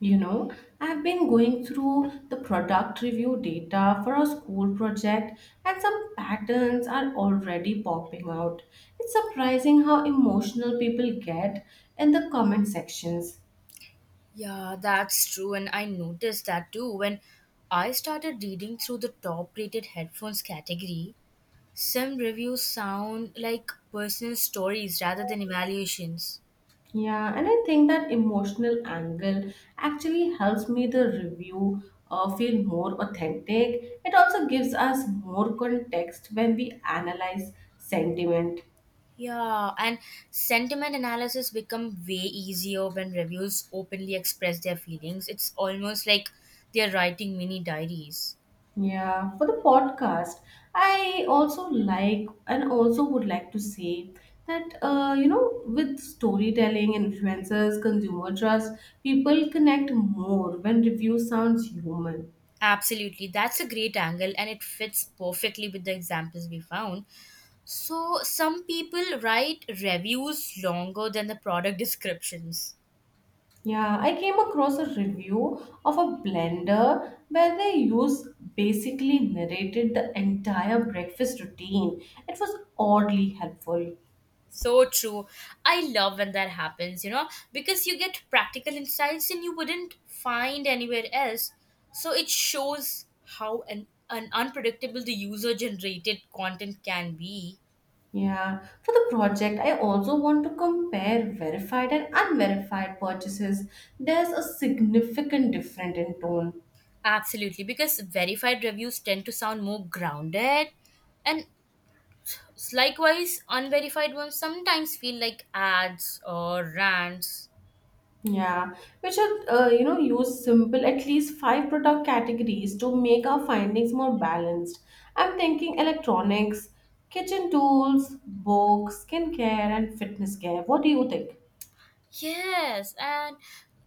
You know, I've been going through the product review data for a school project, and some patterns are already popping out. It's surprising how emotional people get in the comment sections. Yeah, that's true, and I noticed that too when I started reading through the top rated headphones category. Some reviews sound like personal stories rather than evaluations. Yeah, and I think that emotional angle actually helps me the review feel more authentic. It also gives us more context when we analyze sentiment. Yeah, and sentiment analysis become way easier when reviews openly express their feelings. It's almost like they're writing mini diaries. Yeah, for the podcast, I also like and also would like to say that with storytelling, influencers, consumer trust, people connect more when review sounds human. Absolutely, that's a great angle and it fits perfectly with the examples we found. So some people write reviews longer than the product descriptions. Yeah, I came across a review of a blender where they use basically narrated the entire breakfast routine. It was oddly helpful. So true. I love when that happens, because you get practical insights and you wouldn't find anywhere else. So it shows how an unpredictable the user generated content can be. Yeah, for the project, I also want to compare verified and unverified purchases. There's a significant difference in tone. Absolutely, because verified reviews tend to sound more grounded and likewise unverified ones sometimes feel like ads or rants. Yeah, we should, use simple at least five product categories to make our findings more balanced. I'm thinking electronics, kitchen tools, books, skincare, and fitness care. What do you think? Yes, and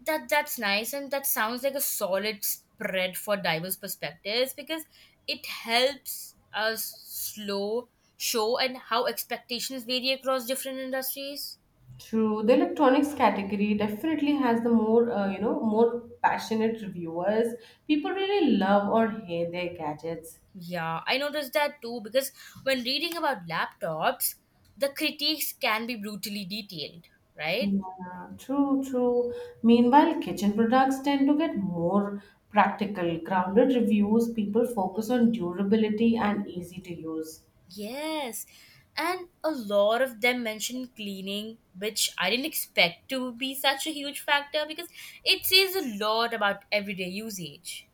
that's nice, and that sounds like a solid spread for diverse perspectives because it helps us slow show and how expectations vary across different industries. True, the electronics category definitely has the more, more passionate reviewers. People really love or hate their gadgets. Yeah, I noticed that too because when reading about laptops, the critiques can be brutally detailed, right? Yeah, true, true. Meanwhile, kitchen products tend to get more practical, grounded reviews. People focus on durability and easy to use. Yes, and a lot of them mention cleaning, which I didn't expect to be such a huge factor because it says a lot about everyday usage.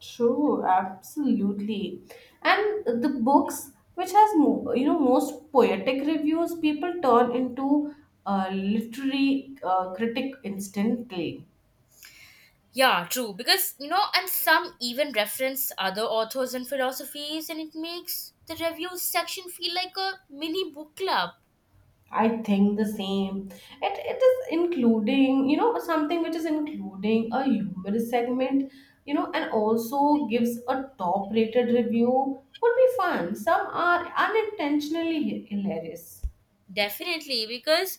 True, absolutely. And the books which has most poetic reviews people turn into literary critic instantly. Yeah, true, because and some even reference other authors and philosophies, and it makes the review section feel like a mini book club. I think the same. It is including something which is including a humorous segment, and also gives a top rated review would be fun. Some are unintentionally hilarious. Definitely, because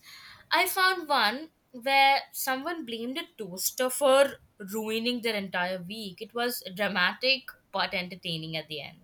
I found one where someone blamed a toaster for ruining their entire week. It was dramatic but entertaining at the end.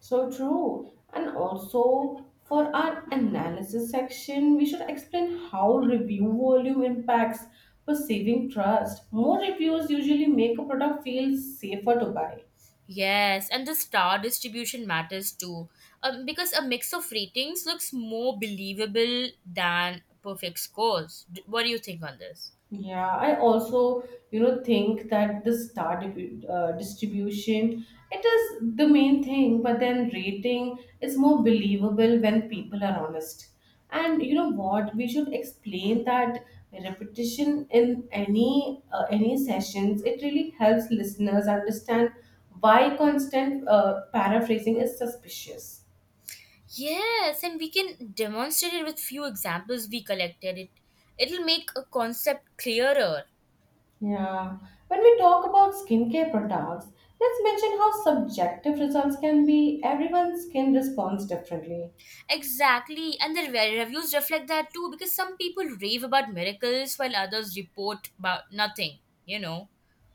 So true. And also for our analysis section, we should explain how review volume impacts perceiving trust. More reviews usually make a product feel safer to buy. Yes, and the star distribution matters too, because a mix of ratings looks more believable than perfect scores. What do you think on this? Yeah, I also, think that the star distribution, it is the main thing, but then rating is more believable when people are honest. And you know what? We should explain that repetition in any sessions. It really helps listeners understand why constant paraphrasing is suspicious. Yes, and we can demonstrate it with few examples we collected. It'll make a concept clearer. Yeah. When we talk about skincare products, let's mention how subjective results can be. Everyone's skin responds differently. Exactly, and the reviews reflect that too, because some people rave about miracles while others report about nothing. You know.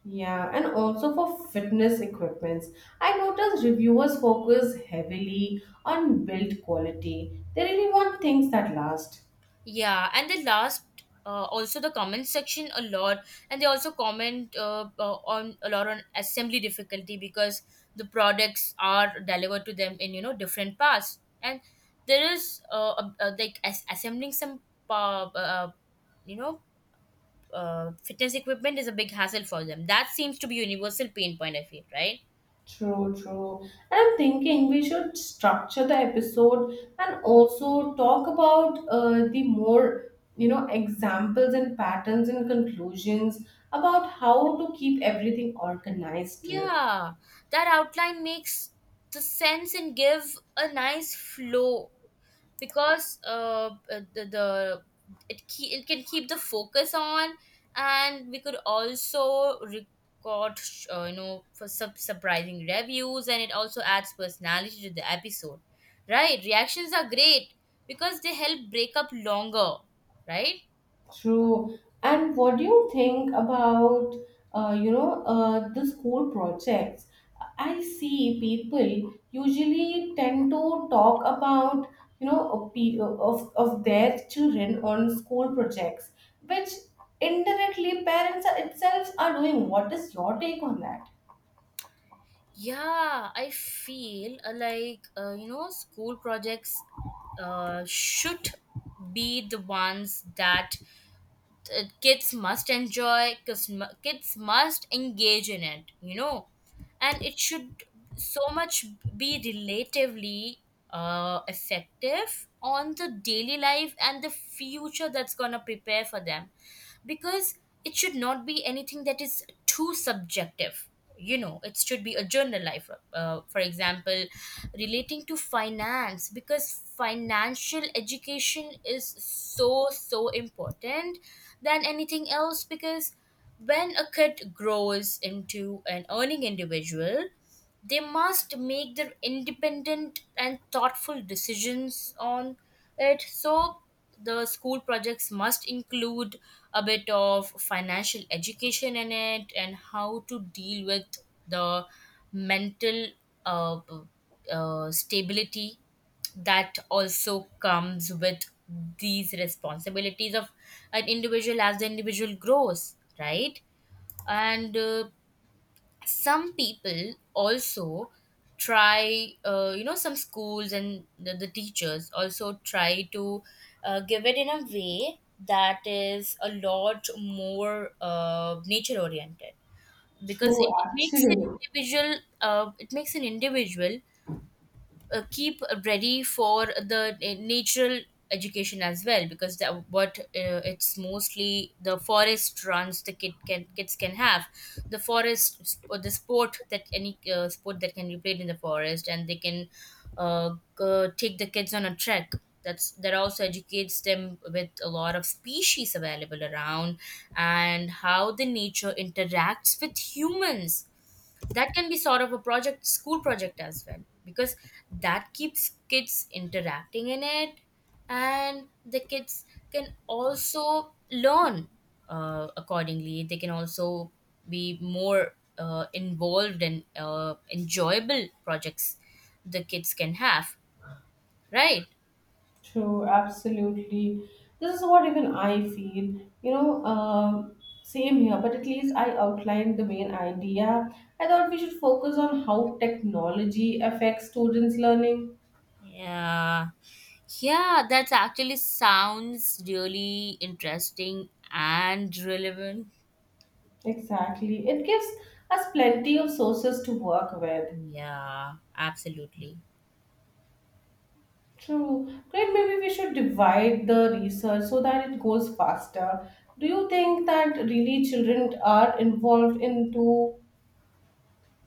Yeah, and also for fitness equipments. I noticed reviewers focus heavily on build quality. They really want things that last. Yeah, and they last also the comment section a lot, and they also comment on a lot on assembly difficulty because the products are delivered to them in, you know, different parts, and there is like assembling some uh, uh, you know fitness equipment is a big hassle for them. That seems to be universal pain point. I feel right. True, true. And I'm thinking we should structure the episode and also talk about the more, examples and patterns and conclusions about how to keep everything organized too. Yeah, that outline makes the sense and give a nice flow because it can keep the focus on, and we could also record you know for surprising reviews, and it also adds personality to the episode, right? Reactions are great because they help break up longer, right? True. And what do you think about the school projects? I see people usually tend to talk about of their children on school projects, which indirectly itself are doing. What is your take on that? Yeah, I feel, you know, school projects should be the ones that kids must enjoy, 'cause kids must engage in it, you know, and it should so much be relatively effective on the daily life and the future that's gonna prepare for them, because it should not be anything that is too subjective. You know, it should be a journal life, for example, relating to finance, because financial education is so so important than anything else, because when a kid grows into an earning individual, they must make their independent and thoughtful decisions on it. So, the school projects must include a bit of financial education in it, and how to deal with the mental uh, stability that also comes with these responsibilities of an individual as the individual grows, right? And some people also try, you know, some schools and the teachers also try to give it in a way that is a lot more nature oriented, because it, True, it makes an actually. individual it makes an individual keep ready for the natural education as well, because that what it's mostly the forest runs the kid can kids can have the forest or the sport that any sport that can be played in the forest, and they can take the kids on a trek. That's that also educates them with a lot of species available around, and how the nature interacts with humans. That can be sort of a project school project as well, because that keeps kids interacting in it, and the kids can also learn accordingly. They can also be more involved and enjoyable projects the kids can have, right? True, absolutely. This is what even I feel. Same here, but at least I outlined the main idea. I thought we should focus on how technology affects students' learning. Yeah, yeah, that actually sounds really interesting and relevant. Exactly. It gives us plenty of sources to work with. Yeah, absolutely. True. Great, maybe we should divide the research so that it goes faster. Do you think that really children are involved into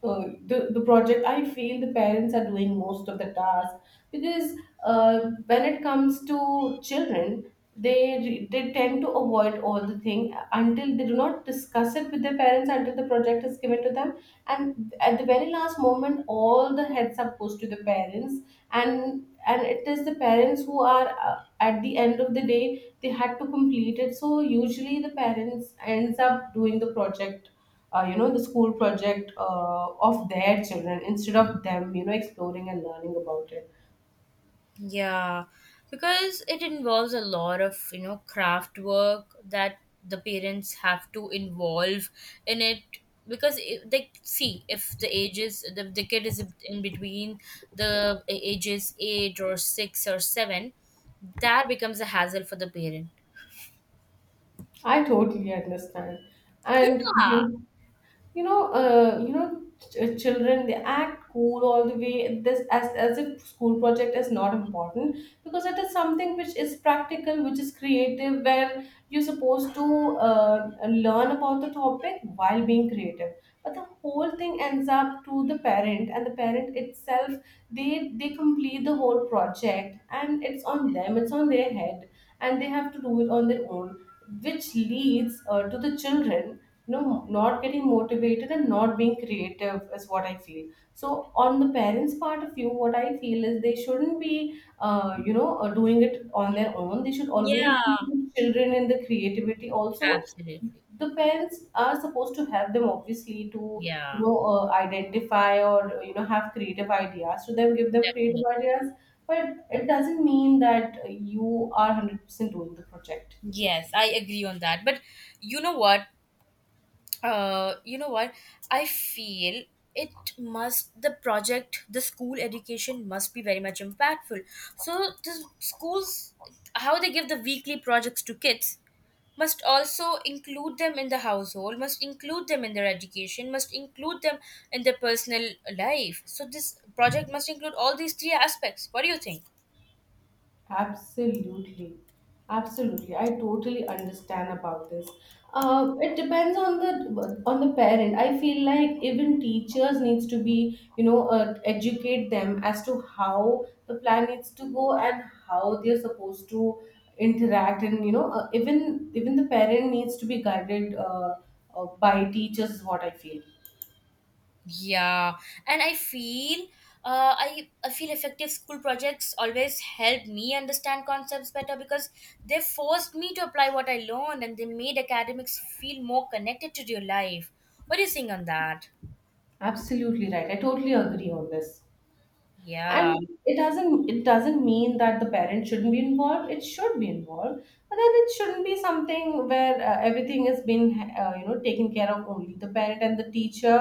the project? I feel the parents are doing most of the task, because uh, when it comes to children, they tend to avoid all the thing until they do not discuss it with their parents until the project is given to them. And at the very last moment all the heads up goes to the parents, and it is the parents who are, at the end of the day, they had to complete it, so usually the parents ends up doing the project, the school project, of their children instead of them exploring and learning about it. Yeah, because it involves a lot of, you know, craft work that the parents have to involve in it, because it, they see if the ages the kid is in between the ages 8 or 6 or 7, that becomes a hassle for the parent. I totally understand. And Yeah. Children they act cool all the way this as if school project is not important, because it is something which is practical, which is creative, where you're supposed to learn about the topic while being creative. But the whole thing ends up to the parent, and the parent itself, they complete the whole project, and it's on them, it's on their head, and they have to do it on their own, which leads to the children no not getting motivated and not being creative is what I feel. So on the parents part of you what I feel is they shouldn't be doing it on their own. They should always Yeah, include children in the creativity also. absolutely. The parents are supposed to help them obviously to Yeah, identify or have creative ideas to them, give them definitely. creative ideas, but it doesn't mean that you are 100% doing the project. Yes, I agree on that. But you know what? You know what? I feel it must the project the school education must be very much impactful. So the schools how they give the weekly projects to kids must also include them in the household, must include them in their education, must include them in their personal life. So this project must include all these three aspects. What do you think? Absolutely. Absolutely. I totally understand about this. It depends on the parent. I feel like even teachers needs to be, educate them as to how the plan needs to go and how they're supposed to interact, and even the parent needs to be guided by teachers is what I feel. Yeah, and I feel, I feel effective school projects always help me understand concepts better, because they forced me to apply what I learned, and they made academics feel more connected to real life. What do you think on that? Absolutely right. I totally agree on this. And Yeah, it doesn't mean that the parent shouldn't be involved, it should be involved, but then it shouldn't be something where everything is being taken care of only the parent and the teacher.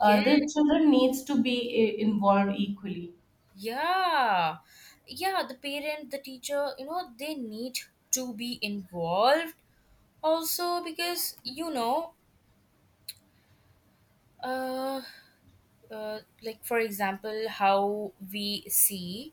Uh, yeah, the children needs to be involved equally. yeah, yeah. The parent, the teacher, you know, they need to be involved also because, you know, uh, like for example how we see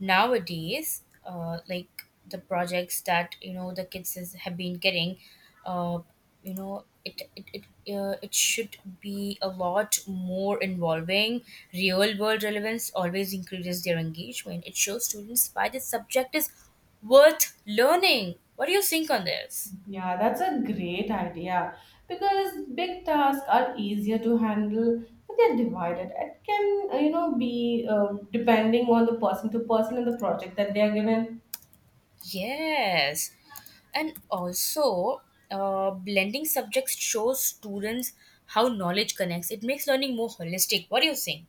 nowadays, like the projects that you know the kids is, have been getting, uh, you know it should be a lot more involving. Real world relevance always increases their engagement. It shows students why this subject is worth learning. What do you think on this? Yeah, that's a great idea, because big tasks are easier to handle, but they're divided it can be depending on the person to person and the project that they are given. Yes. And also, blending subjects shows students how knowledge connects. It makes learning more holistic. What do you think?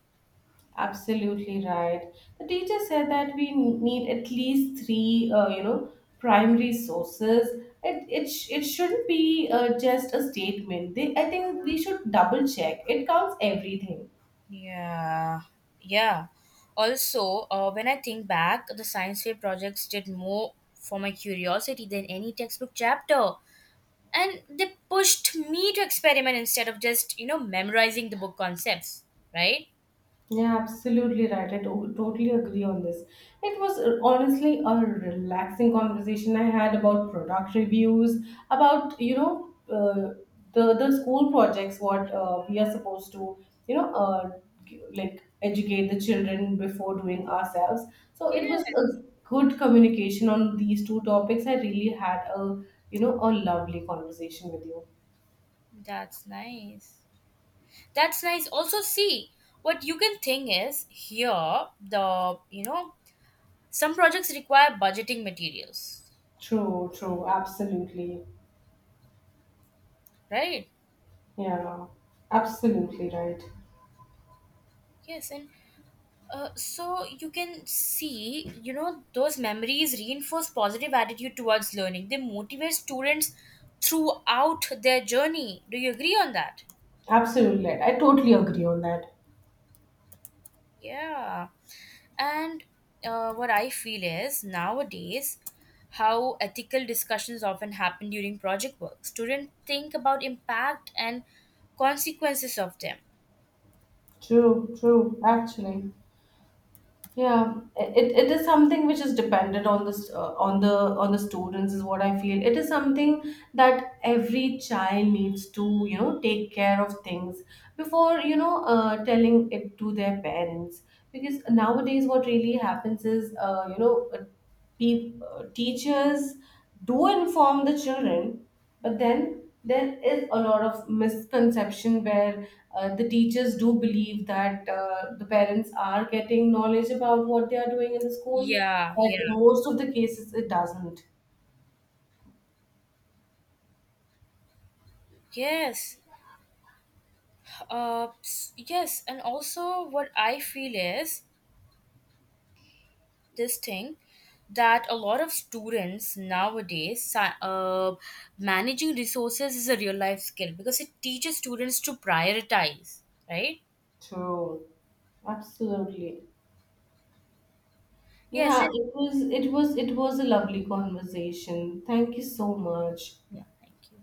Absolutely right. The teacher said that we need at least three, primary sources. It shouldn't be just a statement. They, I think we should double check. It counts everything. Yeah, yeah. Also, when I think back, the science fair projects did more for my curiosity than any textbook chapter. And they pushed me to experiment instead of just, you know, memorizing the book concepts, right? Yeah, absolutely right. I totally agree on this. It was honestly a relaxing conversation I had about product reviews, about the school projects what we are supposed to you know uh, like educate the children before doing ourselves. So Yeah, it was a good communication on these two topics. I really had a lovely conversation with you. that's nice. That's nice. Also, see what you can think is here the you know some projects require budgeting materials, True, true, absolutely. right? Yeah, absolutely right. Yes, and so you can see, you know, those memories reinforce positive attitude towards learning. They motivate students throughout their journey. Do you agree on that? Absolutely. Right. I totally agree on that. Yeah. And what I feel is nowadays, how ethical discussions often happen during project work. Students think about impact and consequences of them. True, true, actually. Yeah, it is something which is dependent on the s- on the students is what I feel. It is something that every child needs to, take care of things before, telling it to their parents. Because nowadays what really happens is, you know, Peop teachers do inform the children, but then there is a lot of misconception where the teachers do believe that the parents are getting knowledge about what they are doing in the school, Yeah, yeah, but most of the cases it doesn't. yes, yes, and also what I feel is this thing that a lot of students managing resources is a real life skill because it teaches students to prioritize, right? True. Absolutely. Yes. Yeah, it was a lovely conversation. Thank you so much. Yeah, thank you.